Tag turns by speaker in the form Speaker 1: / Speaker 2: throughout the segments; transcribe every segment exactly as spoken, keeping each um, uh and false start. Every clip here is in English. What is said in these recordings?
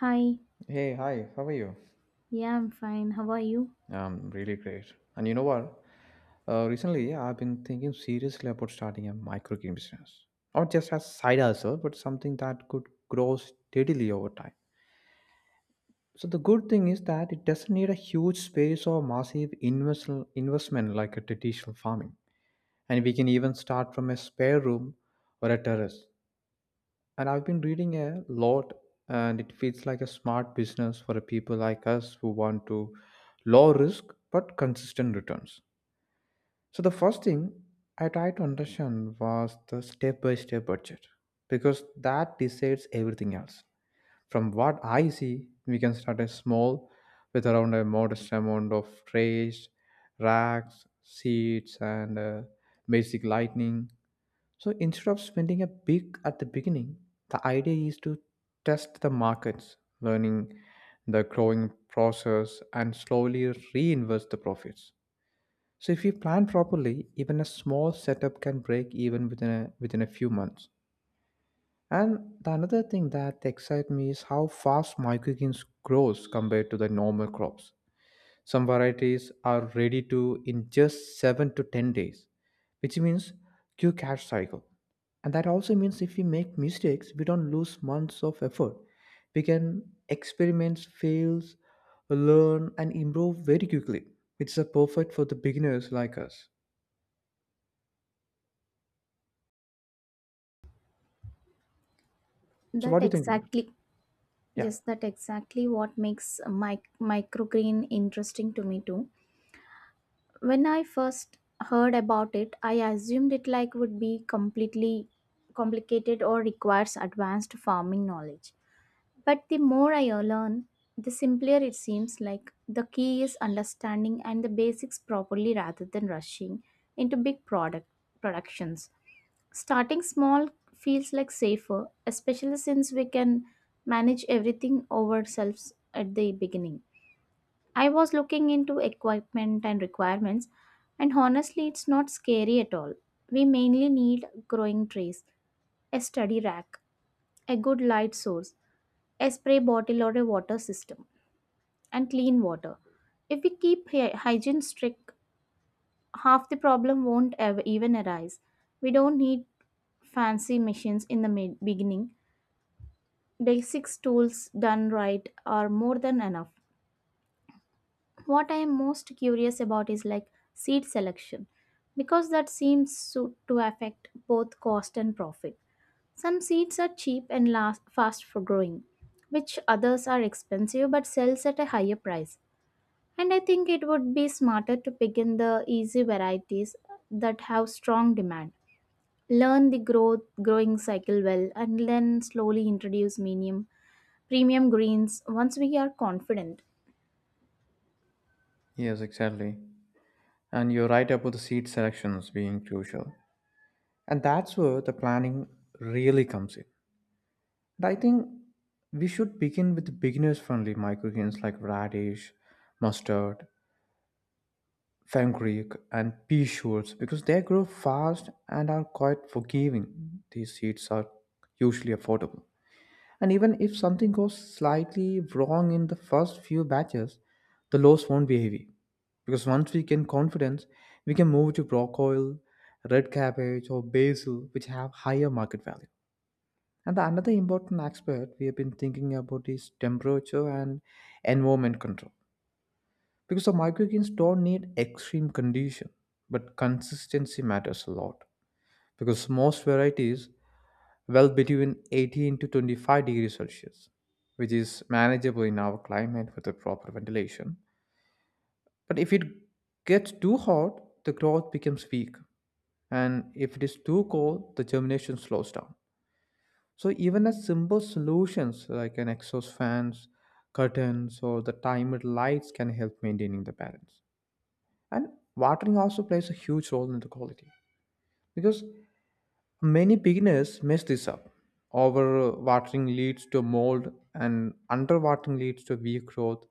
Speaker 1: Hi,
Speaker 2: Hey, hi, how are you?
Speaker 1: yeah, I'm fine. How are you?
Speaker 2: I'm really great. And you know what? Uh, recently, I've been thinking seriously about starting a micro game business. Not just as side hustle, but something that could grow steadily over time. So the good thing is that it doesn't need a huge space or massive invest- investment like a traditional farming. And we can even start from a spare room or a terrace. And I've been reading a lot, and it feels like a smart business for a people like us who want to low risk but consistent returns. So the first thing I tried to understand was the step-by-step budget because that decides everything else. From what I see, we can start a small with around a modest amount of trays, racks, seats, and uh, basic lighting so instead of spending a big at the beginning, the idea is to test the markets, learning the growing process, and slowly reinvest the profits. So if you plan properly, even a small setup can break even within a, within a few months. And the another thing that excites me is how fast microgreens grows compared to the normal crops. Some varieties are ready to in just seven to ten days, which means Q cash cycle. And that also means if we make mistakes, we don't lose months of effort. We can experiment, fails, learn, and improve very quickly. It's a perfect for the beginners like us. So
Speaker 1: That
Speaker 2: what do you think about it?
Speaker 1: exactly,
Speaker 2: Yeah.
Speaker 1: yes, that exactly what makes mic- microgreen interesting to me too. When I first heard about it, I assumed it like would be completely complicated or requires advanced farming knowledge. But the more I learn, the simpler it seems like the key is understanding and the basics properly rather than rushing into big product productions. Starting small feels like safer, especially since we can manage everything ourselves at the beginning. I was looking into equipment and requirements, and honestly, it's not scary at all. We mainly need growing trays, a study rack, a good light source, a spray bottle or a water system, and clean water. If we keep hy- hygiene strict, half the problem won't ever even arise. We don't need fancy machines in the mid- beginning, basic tools done right are more than enough. What I am most curious about is like seed selection because that seems so, to affect both cost and profit. Some seeds are cheap and last fast for growing, which others are expensive but sells at a higher price. And I think it would be smarter to pick in the easy varieties that have strong demand. Learn the growth growing cycle well and then slowly introduce medium premium greens, once we are confident.
Speaker 2: Yes, exactly. And you're right about the seed selections being crucial. And that's where the planning really comes in. And I think we should begin with beginners friendly microgreens like radish, mustard, fenugreek, and pea shoots because they grow fast and are quite forgiving. These seeds are usually affordable. And even if something goes slightly wrong in the first few batches, the loss won't be heavy. Because once we gain confidence, we can move to broccoli, red cabbage, or basil, which have higher market value. And the another important aspect we have been thinking about is temperature and environment control. Because the microgreens don't need extreme condition, but consistency matters a lot. Because most varieties well between eighteen to twenty-five degrees Celsius, which is manageable in our climate with the proper ventilation. But if it gets too hot, the growth becomes weak. And if it is too cold, the germination slows down. So even a simple solutions like an exhaust fans, curtains, or the timer lights can help maintaining the balance. And watering also plays a huge role in the quality because many beginners mess this up. Over watering leads to mold, and under watering leads to weak growth.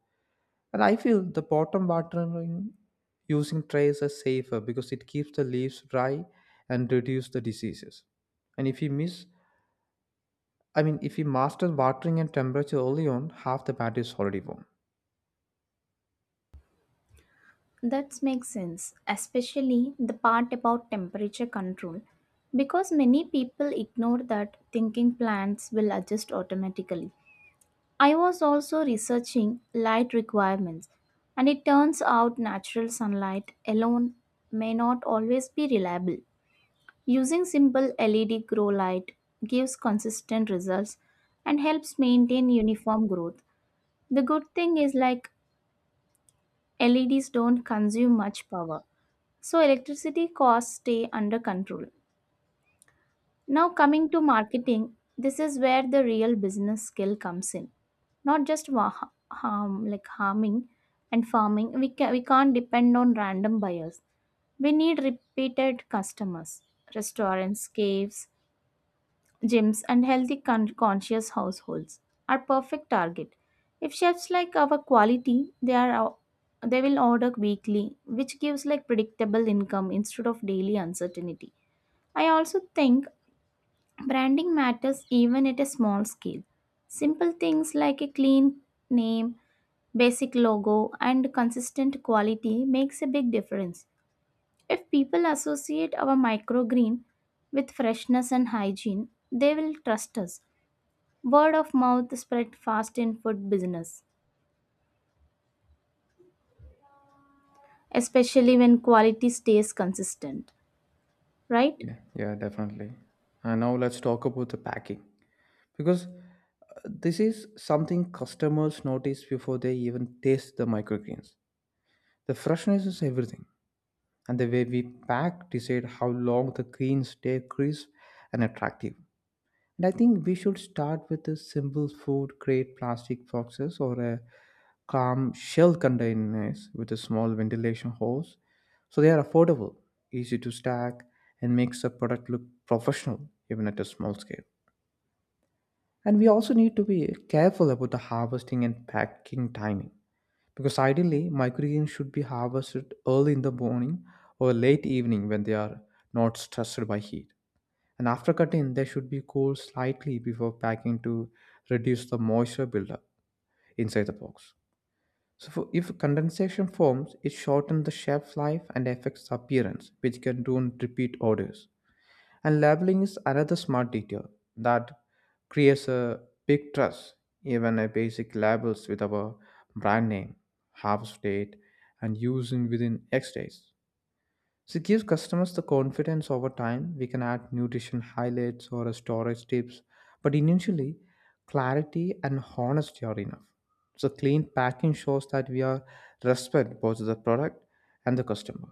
Speaker 2: And I feel the bottom watering using trays is safer because it keeps the leaves dry and reduce the diseases. And if you miss I mean, if we master watering and temperature early on, half the battle is already warm.
Speaker 1: That makes sense, especially the part about temperature control, because many people ignore that thinking plants will adjust automatically. I was also researching light requirements, and it turns out natural sunlight alone may not always be reliable. Using simple L E D grow light gives consistent results and helps maintain uniform growth. The good thing is like L E Ds don't consume much power, so electricity costs stay under control. Now, coming to marketing, this is where the real business skill comes in. Not just wa- harm like harming and farming. We can we can't depend on random buyers. We need repeated customers. Restaurants, caves, gyms and healthy con- conscious households are perfect target. If chefs like our quality, they are ou- they will order weekly, which gives like predictable income instead of daily uncertainty. I also think branding matters even at a small scale. Simple things like a clean name, basic logo and consistent quality makes a big difference. If people associate our microgreen with freshness and hygiene, they will trust us. Word of mouth spread fast in food business, especially when quality stays consistent, right?
Speaker 2: Yeah, yeah, definitely. And now let's talk about the packing. Because uh, this is something customers notice before they even taste the microgreens. The freshness is everything, and the way we pack decide how long the greens stay crisp and attractive. And I think we should start with a simple food grade plastic boxes or a calm shell containers with a small ventilation hose. So they are affordable, easy to stack, and makes the product look professional even at a small scale. And we also need to be careful about the harvesting and packing timing because ideally microgreens should be harvested early in the morning or late evening when they are not stressed by heat. And after cutting, they should be cooled slightly before packing to reduce the moisture buildup inside the box. So, for, if condensation forms, it shortens the shelf life and affects the appearance, which can ruin repeat orders. And labeling is another smart detail that creates a big trust. Even a basic labels with our brand name, harvest date, and using within X days so it gives customers the confidence over time. We can add nutrition highlights or a storage tips, but initially, clarity and honesty are enough. So clean packing shows that we are respect both the product and the customer.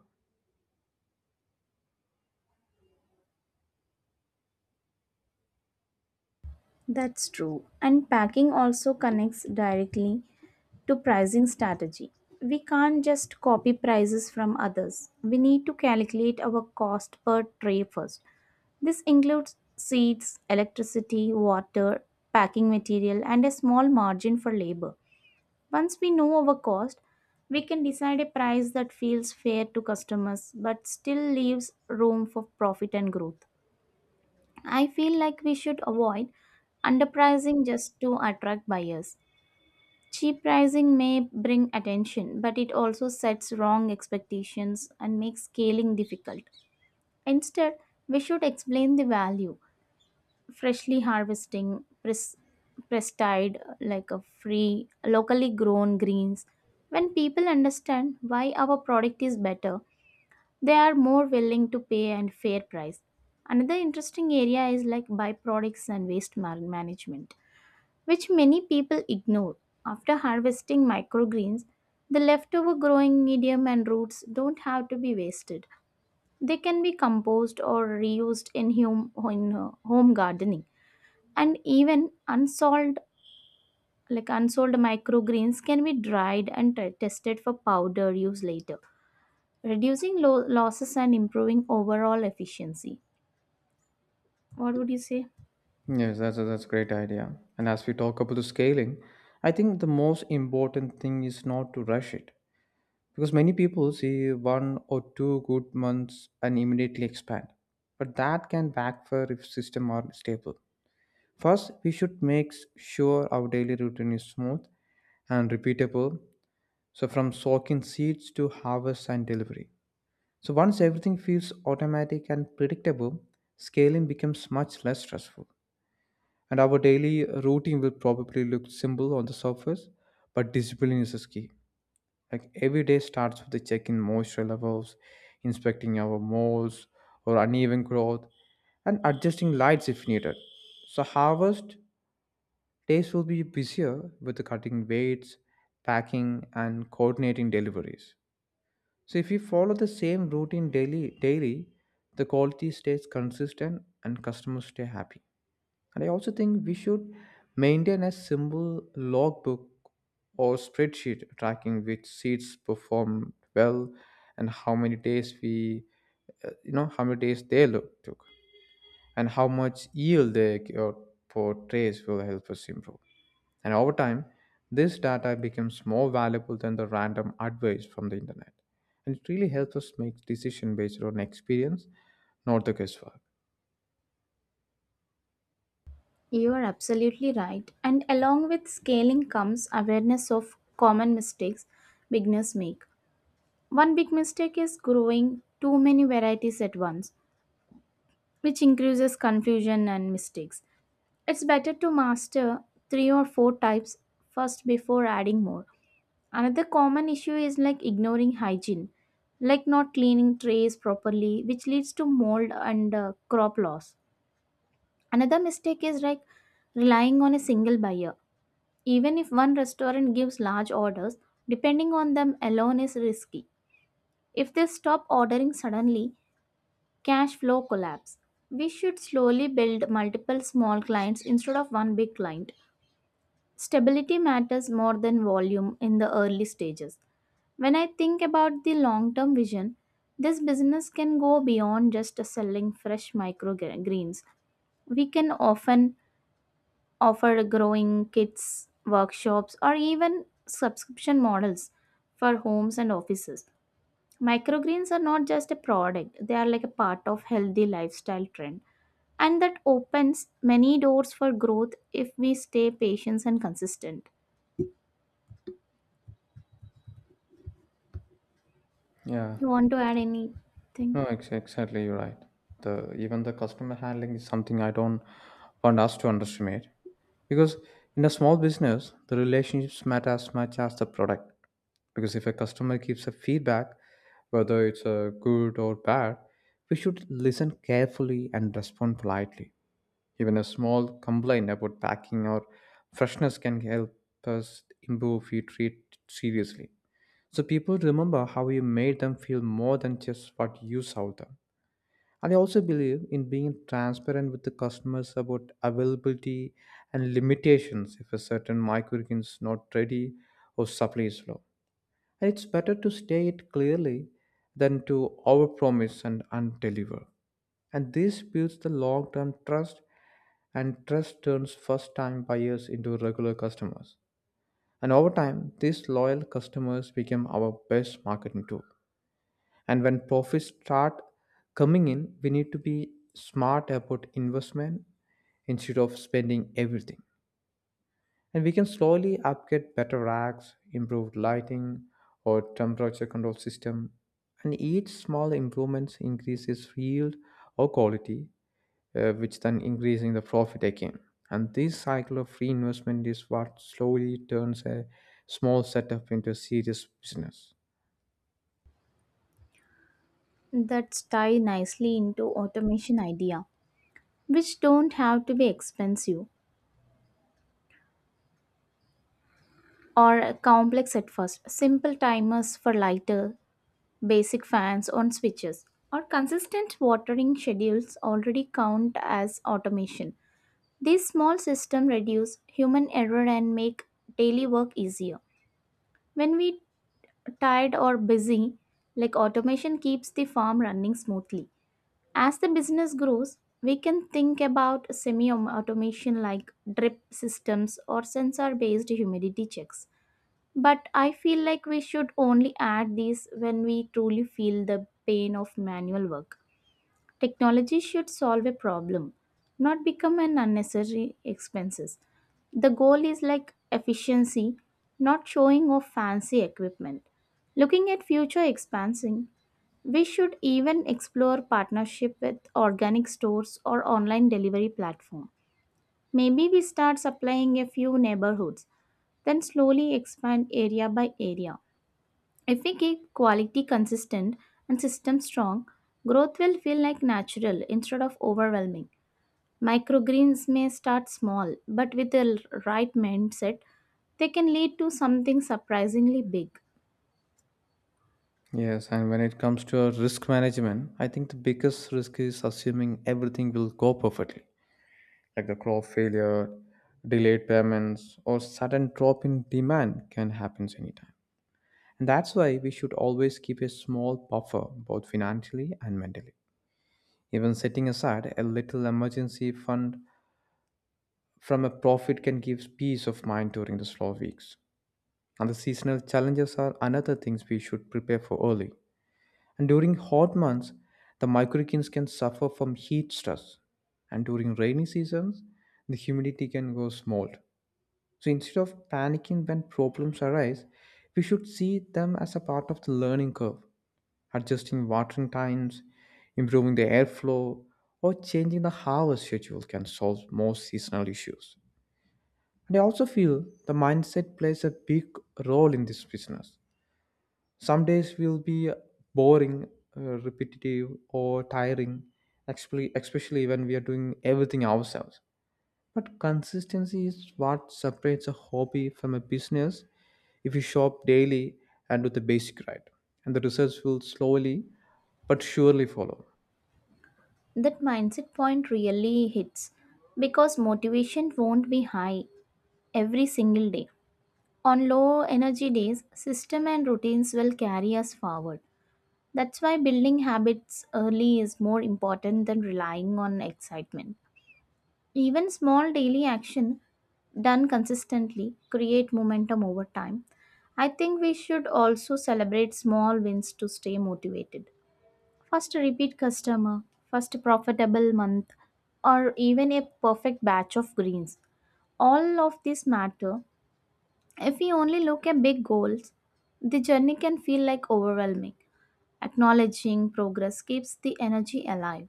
Speaker 1: That's true. And packing also connects directly to pricing strategy. We can't just copy prices from others. We need to calculate our cost per tray first. This includes seeds, electricity, water, packing material, and a small margin for labor. Once we know our cost, we can decide a price that feels fair to customers but still leaves room for profit and growth. I feel like we should avoid underpricing just to attract buyers. Cheap pricing may bring attention, but it also sets wrong expectations and makes scaling difficult. Instead, we should explain the value, freshly harvesting pres- prestide like a free locally grown greens. When people understand why our product is better, they are more willing to pay and fair price. Another interesting area is like byproducts and waste ma- management, which many people ignore. After harvesting microgreens, the leftover growing medium and roots don't have to be wasted. They can be composed or reused in, hum- in uh, home gardening. And even unsolved like unsold microgreens can be dried and t- tested for powder use later, reducing lo- losses and improving overall efficiency. What would you say?
Speaker 2: Yes, that's a, that's a great idea. And as we talk about the scaling, I think the most important thing is not to rush it because many people see one or two good months and immediately expand. But that can backfire if system aren't stable. First, we should make sure our daily routine is smooth and repeatable. So, from soaking seeds to harvest and delivery. So, once everything feels automatic and predictable, scaling becomes much less stressful. And our daily routine will probably look simple on the surface, but discipline is the key. Like every day starts with the checking moisture levels, inspecting our molds or uneven growth, and adjusting lights if needed. So, harvest days will be busier with the cutting weights, packing, and coordinating deliveries. So if you follow the same routine daily, daily, the quality stays consistent and customers stay happy. And I also think we should maintain a simple logbook or spreadsheet tracking which seats performed well and how many days we, uh, you know, how many days they look, took and how much yield they c- for portrays will help us improve. And over time, this data becomes more valuable than the random advice from the internet. And it really helps us make decision based on experience, not the guesswork.
Speaker 1: You are absolutely right, and along with scaling comes awareness of common mistakes beginners make. One big mistake is growing too many varieties at once, which increases confusion and mistakes. It's better to master three or four types first before adding more. Another common issue is like ignoring hygiene, like not cleaning trays properly, which leads to mold and uh, crop loss. Another mistake is like relying on a single buyer. Even if one restaurant gives large orders, depending on them alone is risky. If they stop ordering suddenly, cash flow collapse. We should slowly build multiple small clients instead of one big client. Stability matters more than volume in the early stages. When I think about the long term vision, this business can go beyond just selling fresh microgreens. We can often offer growing kits, workshops, or even subscription models for homes and offices. Microgreens are not just a product, they are like a part of healthy lifestyle trend, and that opens many doors for growth if we stay patient and consistent.
Speaker 2: Yeah.
Speaker 1: You want to add anything?
Speaker 2: No, ex- exactly, you're right. The even the customer handling is something I don't want us to underestimate because in a small business, the relationships matter as much as the product. Because if a customer gives a feedback, whether it's a good or bad, we should listen carefully and respond politely. Even a small complaint about packing or freshness can help us improve if we treat it seriously. So people remember how you made them feel more than just what you sold them. And I also believe in being transparent with the customers about availability and limitations if a certain microgreens is not ready or supply is low. And it's better to state it clearly than to overpromise and undeliver. And this builds the long-term trust and trust turns first-time buyers into regular customers. And over time, these loyal customers become our best marketing tool. And when profits start coming in, we need to be smart about investment instead of spending everything. And we can slowly upgrade better racks, improved lighting, or temperature control system. And each small improvements increases yield or quality, uh, which then increasing the profit again. And this cycle of reinvestment is what slowly turns a small setup into a serious business.
Speaker 1: That's tied nicely into automation idea, which don't have to be expensive or complex at first. Simple timers for lighter, basic fans on switches, or consistent watering schedules already count as automation. These small systems reduce human error and make daily work easier. When we tired or busy, like automation keeps the farm running smoothly. As the business grows, we can think about semi automation like drip systems or sensor based humidity checks. But I feel like we should only add these when we truly feel the pain of manual work. Technology should solve a problem, not become an unnecessary expenses. The goal is like efficiency, not showing off fancy equipment. Looking at future expansion, we should even explore partnership with organic stores or online delivery platform. Maybe we start supplying a few neighborhoods, then slowly expand area by area. If we keep quality consistent and system strong, growth will feel like natural instead of overwhelming. Microgreens may start small, but with the l- right mindset, they can lead to something surprisingly big.
Speaker 2: Yes, and when it comes to our risk management, I think the biggest risk is assuming everything will go perfectly, like the crop failure, delayed payments, or sudden drop in demand can happen anytime. And that's why we should always keep a small buffer both financially and mentally. Even setting aside a little emergency fund from a profit can give peace of mind during the slow weeks. And the seasonal challenges are another things we should prepare for early. And during hot months, the microregions can suffer from heat stress. And during rainy seasons, the humidity can go smolt. So instead of panicking when problems arise, we should see them as a part of the learning curve, adjusting watering times, improving the airflow, or changing the harvest schedule can solve most seasonal issues. And I also feel the mindset plays a big role in this business. Some days will be boring, uh, repetitive, or tiring, especially especially when we are doing everything ourselves. But consistency is what separates a hobby from a business if you shop daily and do the basic right. And the results will slowly but surely follow.
Speaker 1: That mindset point really hits because motivation won't be high every single day. On low energy days, system and routines will carry us forward. That's why building habits early is more important than relying on excitement. Even small daily action done consistently create momentum over time. I think we should also celebrate small wins to stay motivated. First repeat customer, first profitable month, or even a perfect batch of greens. All of this matter. If we only look at big goals, the journey can feel like overwhelming. Acknowledging progress keeps the energy alive.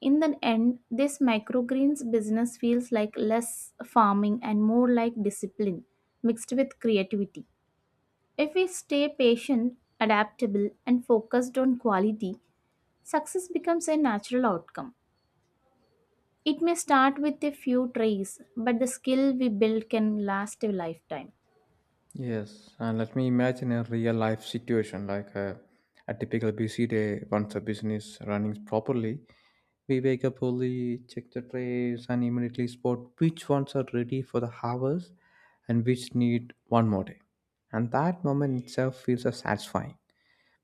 Speaker 1: In the end, this microgreens business feels like less farming and more like discipline mixed with creativity. If we stay patient, adaptable, and focused on quality, success becomes a natural outcome. It may start with a few tries, but the skill we build can last a lifetime.
Speaker 2: Yes, and let me imagine a real life situation like a, a typical busy day once a business running properly. We wake up early, check the trays, and immediately spot which ones are ready for the harvest and which need one more day. And that moment itself feels as satisfying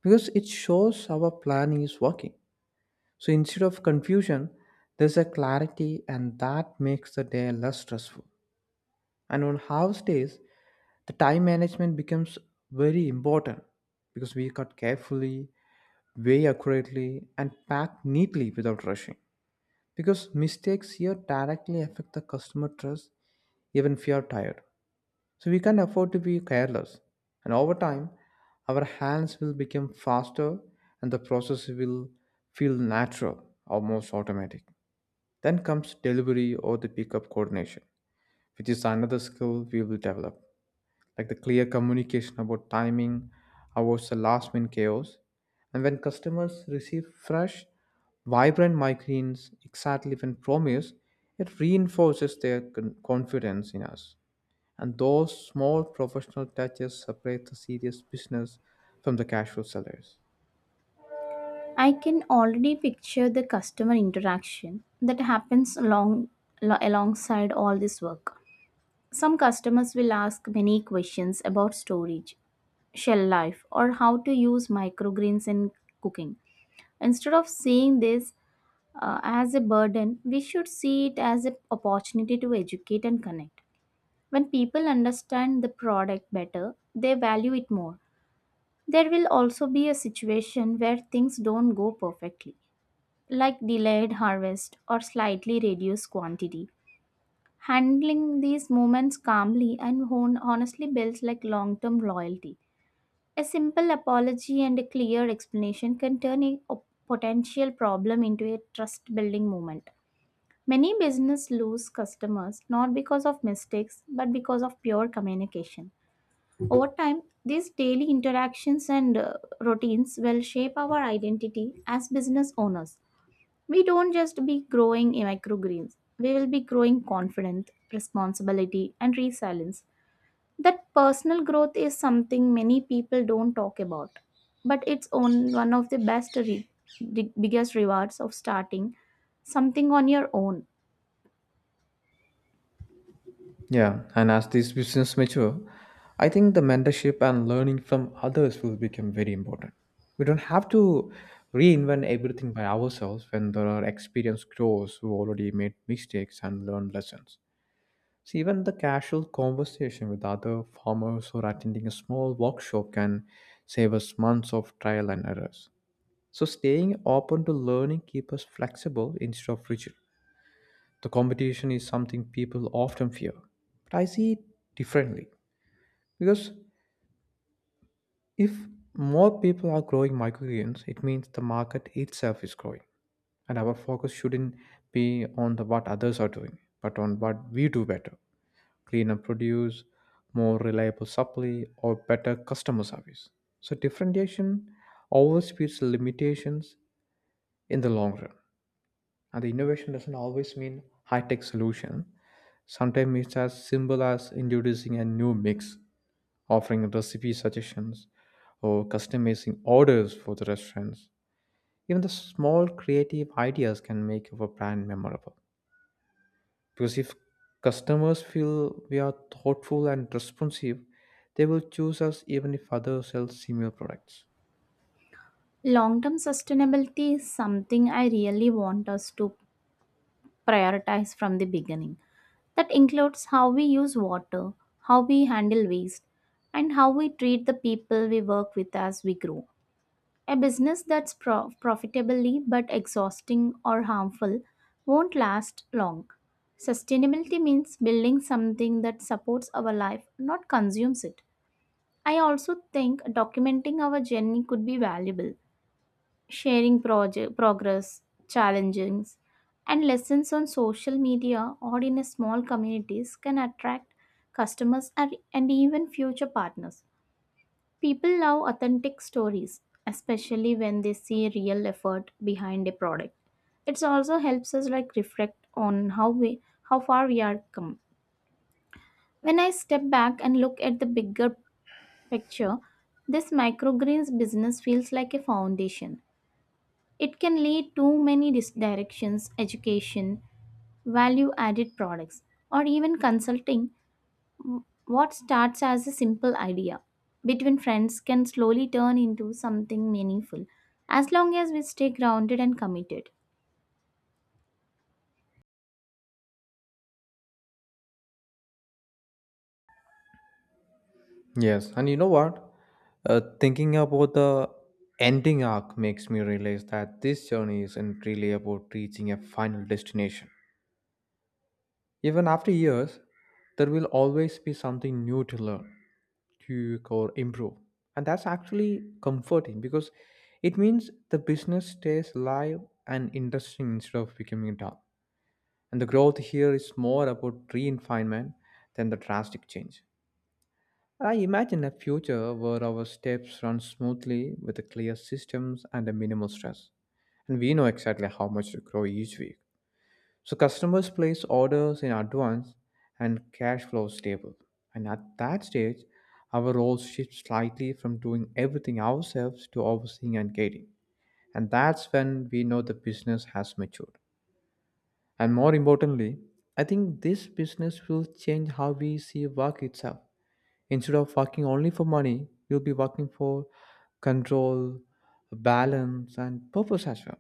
Speaker 2: because it shows our planning is working. So instead of confusion, there's a clarity, and that makes the day less stressful. And on harvest days, the time management becomes very important because we cut carefully, weigh accurately, and pack neatly without rushing. Because mistakes here directly affect the customer trust even if you are tired. So we can't afford to be careless. And over time, our hands will become faster and the process will feel natural, almost automatic. Then comes delivery or the pickup coordination, which is another skill we will develop, like the clear communication about timing avoids the last minute chaos. And when customers receive fresh vibrant migraines exactly when promised, it reinforces their con- confidence in us, and those small professional touches separate the serious business from the casual sellers.
Speaker 1: I can already picture the customer interaction that happens along, lo- alongside all this work. Some customers will ask many questions about storage, shelf life, or how to use microgreens in cooking. Instead of seeing this uh, as a burden, we should see it as an opportunity to educate and connect. When people understand the product better, they value it more. There will also be a situation where things don't go perfectly, like delayed harvest or slightly reduced quantity. Handling these moments calmly and hon- honestly builds like long-term loyalty. A simple apology and a clear explanation can turn a op- potential problem into a trust-building moment. Many businesses lose customers not because of mistakes but because of pure communication. Over time, these daily interactions and uh, routines will shape our identity as business owners. We don't just be growing in microgreens, we will be growing confidence, responsibility, and resilience. That personal growth is something many people don't talk about, but it's on one of the best, re- the biggest rewards of starting something on your own.
Speaker 2: Yeah, and as these business mature, I think the mentorship and learning from others will become very important. We don't have to reinvent everything by ourselves when there are experienced pros who already made mistakes and learned lessons. See, even the casual conversation with other farmers or attending a small workshop can save us months of trial and errors. So, staying open to learning keeps us flexible instead of rigid. The competition is something people often fear, but I see it differently, because if more people are growing microgreens, it means the market itself is growing, and our focus shouldn't be on the what others are doing, but on what we do better: cleaner produce, more reliable supply, or better customer service. So differentiation overspeeds limitations in the long run. And the innovation doesn't always mean high tech solution. Sometimes it's as simple as introducing a new mix, offering recipe suggestions, or customizing orders for the restaurants. Even the small creative ideas can make our brand memorable. Because if customers feel we are thoughtful and responsive, they will choose us even if others sell similar products.
Speaker 1: Long term sustainability is something I really want us to prioritize from the beginning. That includes how we use water, how we handle waste, and how we treat the people we work with as we grow. A business that's pro- profitably but exhausting or harmful won't last long. Sustainability means building something that supports our life, not consumes it. I also think documenting our journey could be valuable, sharing project, progress, challenges, and lessons on social media or in a small communities can attract customers and and even future partners. People love authentic stories, especially when they see real effort behind a product. It also helps us like reflect on how we how far we are come. When I step back and look at the bigger picture, this microgreens business feels like a foundation. It can lead to many dis- directions, education, value added products, or even consulting. What starts as a simple idea between friends can slowly turn into something meaningful as long as we stay grounded and committed.
Speaker 2: Yes, and you know what? Uh, thinking about the ending arc makes me realize that this journey isn't really about reaching a final destination. Even after years, there will always be something new to learn, tweak, or improve. And that's actually comforting because it means the business stays alive and interesting instead of becoming dull. And the growth here is more about refinement than the drastic change. I imagine a future where our steps run smoothly with a clear systems and a minimal stress. And we know exactly how much to grow each week. So customers place orders in advance and cash flow is stable. And at that stage, our role shifts slightly from doing everything ourselves to overseeing and guiding. And that's when we know the business has matured. And more importantly, I think this business will change how we see work itself. Instead of working only for money, you'll be working for control, balance, and purpose as well.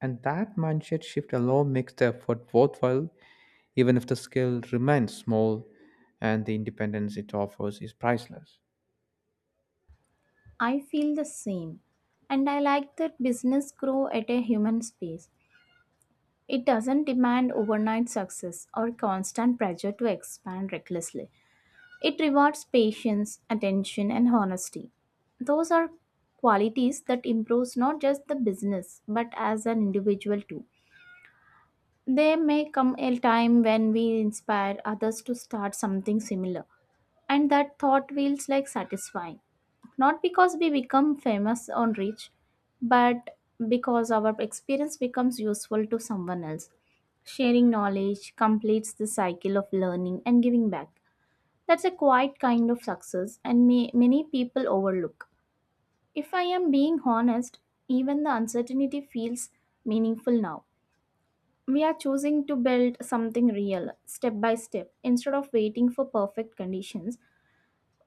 Speaker 2: And that mindset shift alone makes the effort worthwhile, even if the skill remains small and the independence it offers is priceless.
Speaker 1: I feel the same, and I like that business grow at a human space. It doesn't demand overnight success or constant pressure to expand recklessly. It rewards patience, attention, and honesty. Those are qualities that improves not just the business but as an individual too. There may come a time when we inspire others to start something similar, and that thought feels like satisfying. Not because we become famous or rich, but because our experience becomes useful to someone else. Sharing knowledge completes the cycle of learning and giving back. That's a quiet kind of success, and may, many people overlook. If I am being honest, even the uncertainty feels meaningful now. We are choosing to build something real, step by step, instead of waiting for perfect conditions.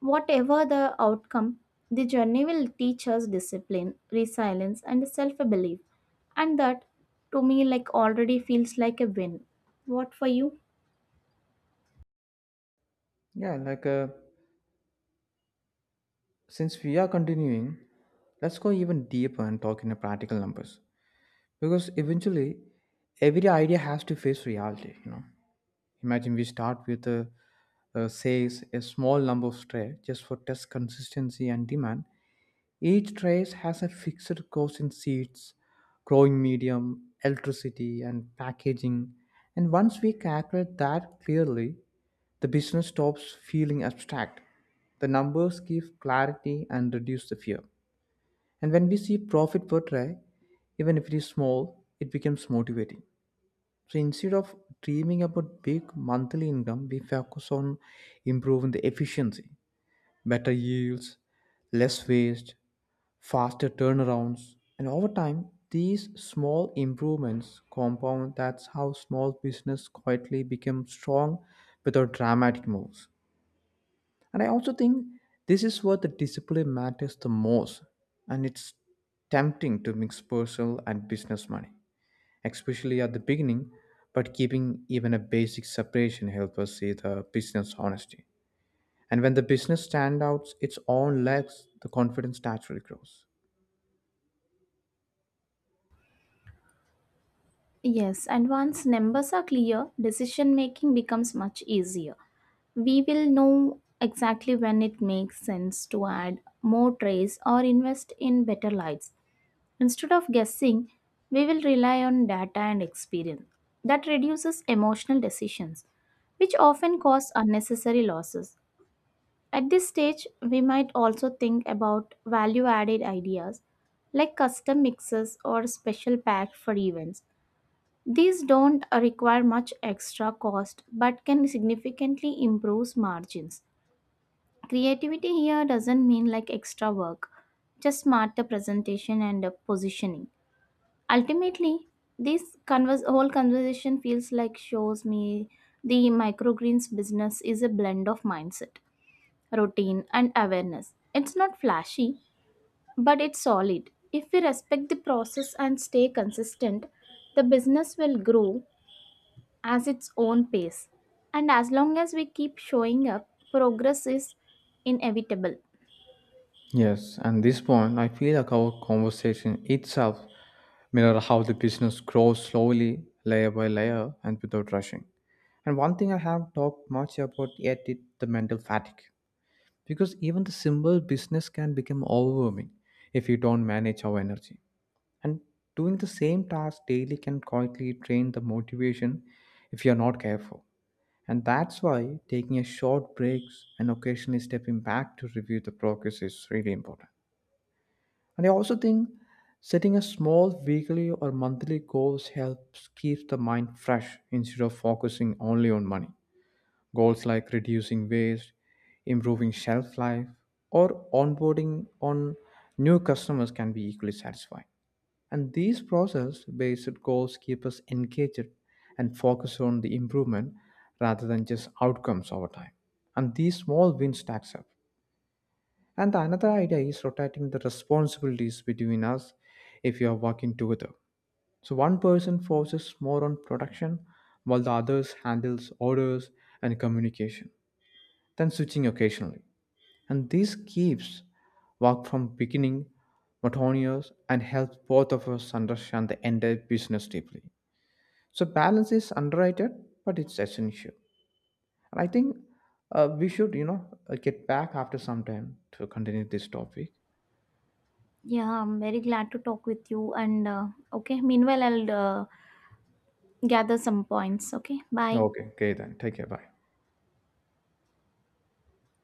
Speaker 1: Whatever the outcome, the journey will teach us discipline, resilience, and self belief. And that, to me, like already feels like a win. What for you?
Speaker 2: Yeah, like uh, since we are continuing, let's go even deeper and talk in the practical numbers because eventually every idea has to face reality, you know. Imagine we start with a, uh, says a small number of trays just for test consistency and demand. Each tray has a fixed cost in seeds, growing medium, electricity, and packaging. And once we calculate that clearly, the business stops feeling abstract. The numbers give clarity and reduce the fear. And when we see profit per tray, even if it is small, it becomes motivating. So instead of dreaming about big monthly income, we focus on improving the efficiency, better yields, less waste, faster turnarounds, and over time, these small improvements compound. That's how small business quietly become strong without dramatic moves. And I also think this is where the discipline matters the most, and it's tempting to mix personal and business money especially at the beginning, but keeping even a basic separation helps us see the business honesty. And when the business stands out its own legs, the confidence naturally grows.
Speaker 1: Yes, and once numbers are clear, decision making becomes much easier. We will know exactly when it makes sense to add more trays or invest in better lights. Instead of guessing, we will rely on data and experience. That reduces emotional decisions, which often cause unnecessary losses. At this stage, we might also think about value added ideas like custom mixes or special packs for events. These don't require much extra cost but can significantly improve margins. Creativity here doesn't mean like extra work, just smarter presentation and uh, positioning. Ultimately, this converse, whole conversation feels like shows me the microgreens business is a blend of mindset, routine, and awareness. It's not flashy, but it's solid. If we respect the process and stay consistent, the business will grow as its own pace. And as long as we keep showing up, progress is inevitable.
Speaker 2: Yes, and this point, I feel like our conversation itself mirror how the business grows slowly, layer by layer, and without rushing. And one thing I have talked much about yet is the mental fatigue, because even the simple business can become overwhelming if you don't manage our energy. And doing the same task daily can quietly drain the motivation if you're not careful. And that's why taking a short breaks and occasionally stepping back to review the progress is really important. And I also think setting a small weekly or monthly goals helps keep the mind fresh instead of focusing only on money. Goals like reducing waste, improving shelf life, or onboarding on new customers can be equally satisfying. And these process based goals keep us engaged and focus on the improvement rather than just outcomes over time. And these small wins stacks up. And the another idea is rotating the responsibilities between us if you are working together. So one person focuses more on production while the others handles orders and communication, then switching occasionally. And this keeps work from beginning monotonous and helps both of us understand the entire business deeply. So balance is underrated, but it's essential. And I think uh, we should, you know, uh, get back after some time to continue this topic.
Speaker 1: Yeah, I'm very glad to talk with you. And uh, okay, meanwhile, I'll uh, gather some points. Okay, bye.
Speaker 2: Okay, okay then. Take care. Bye.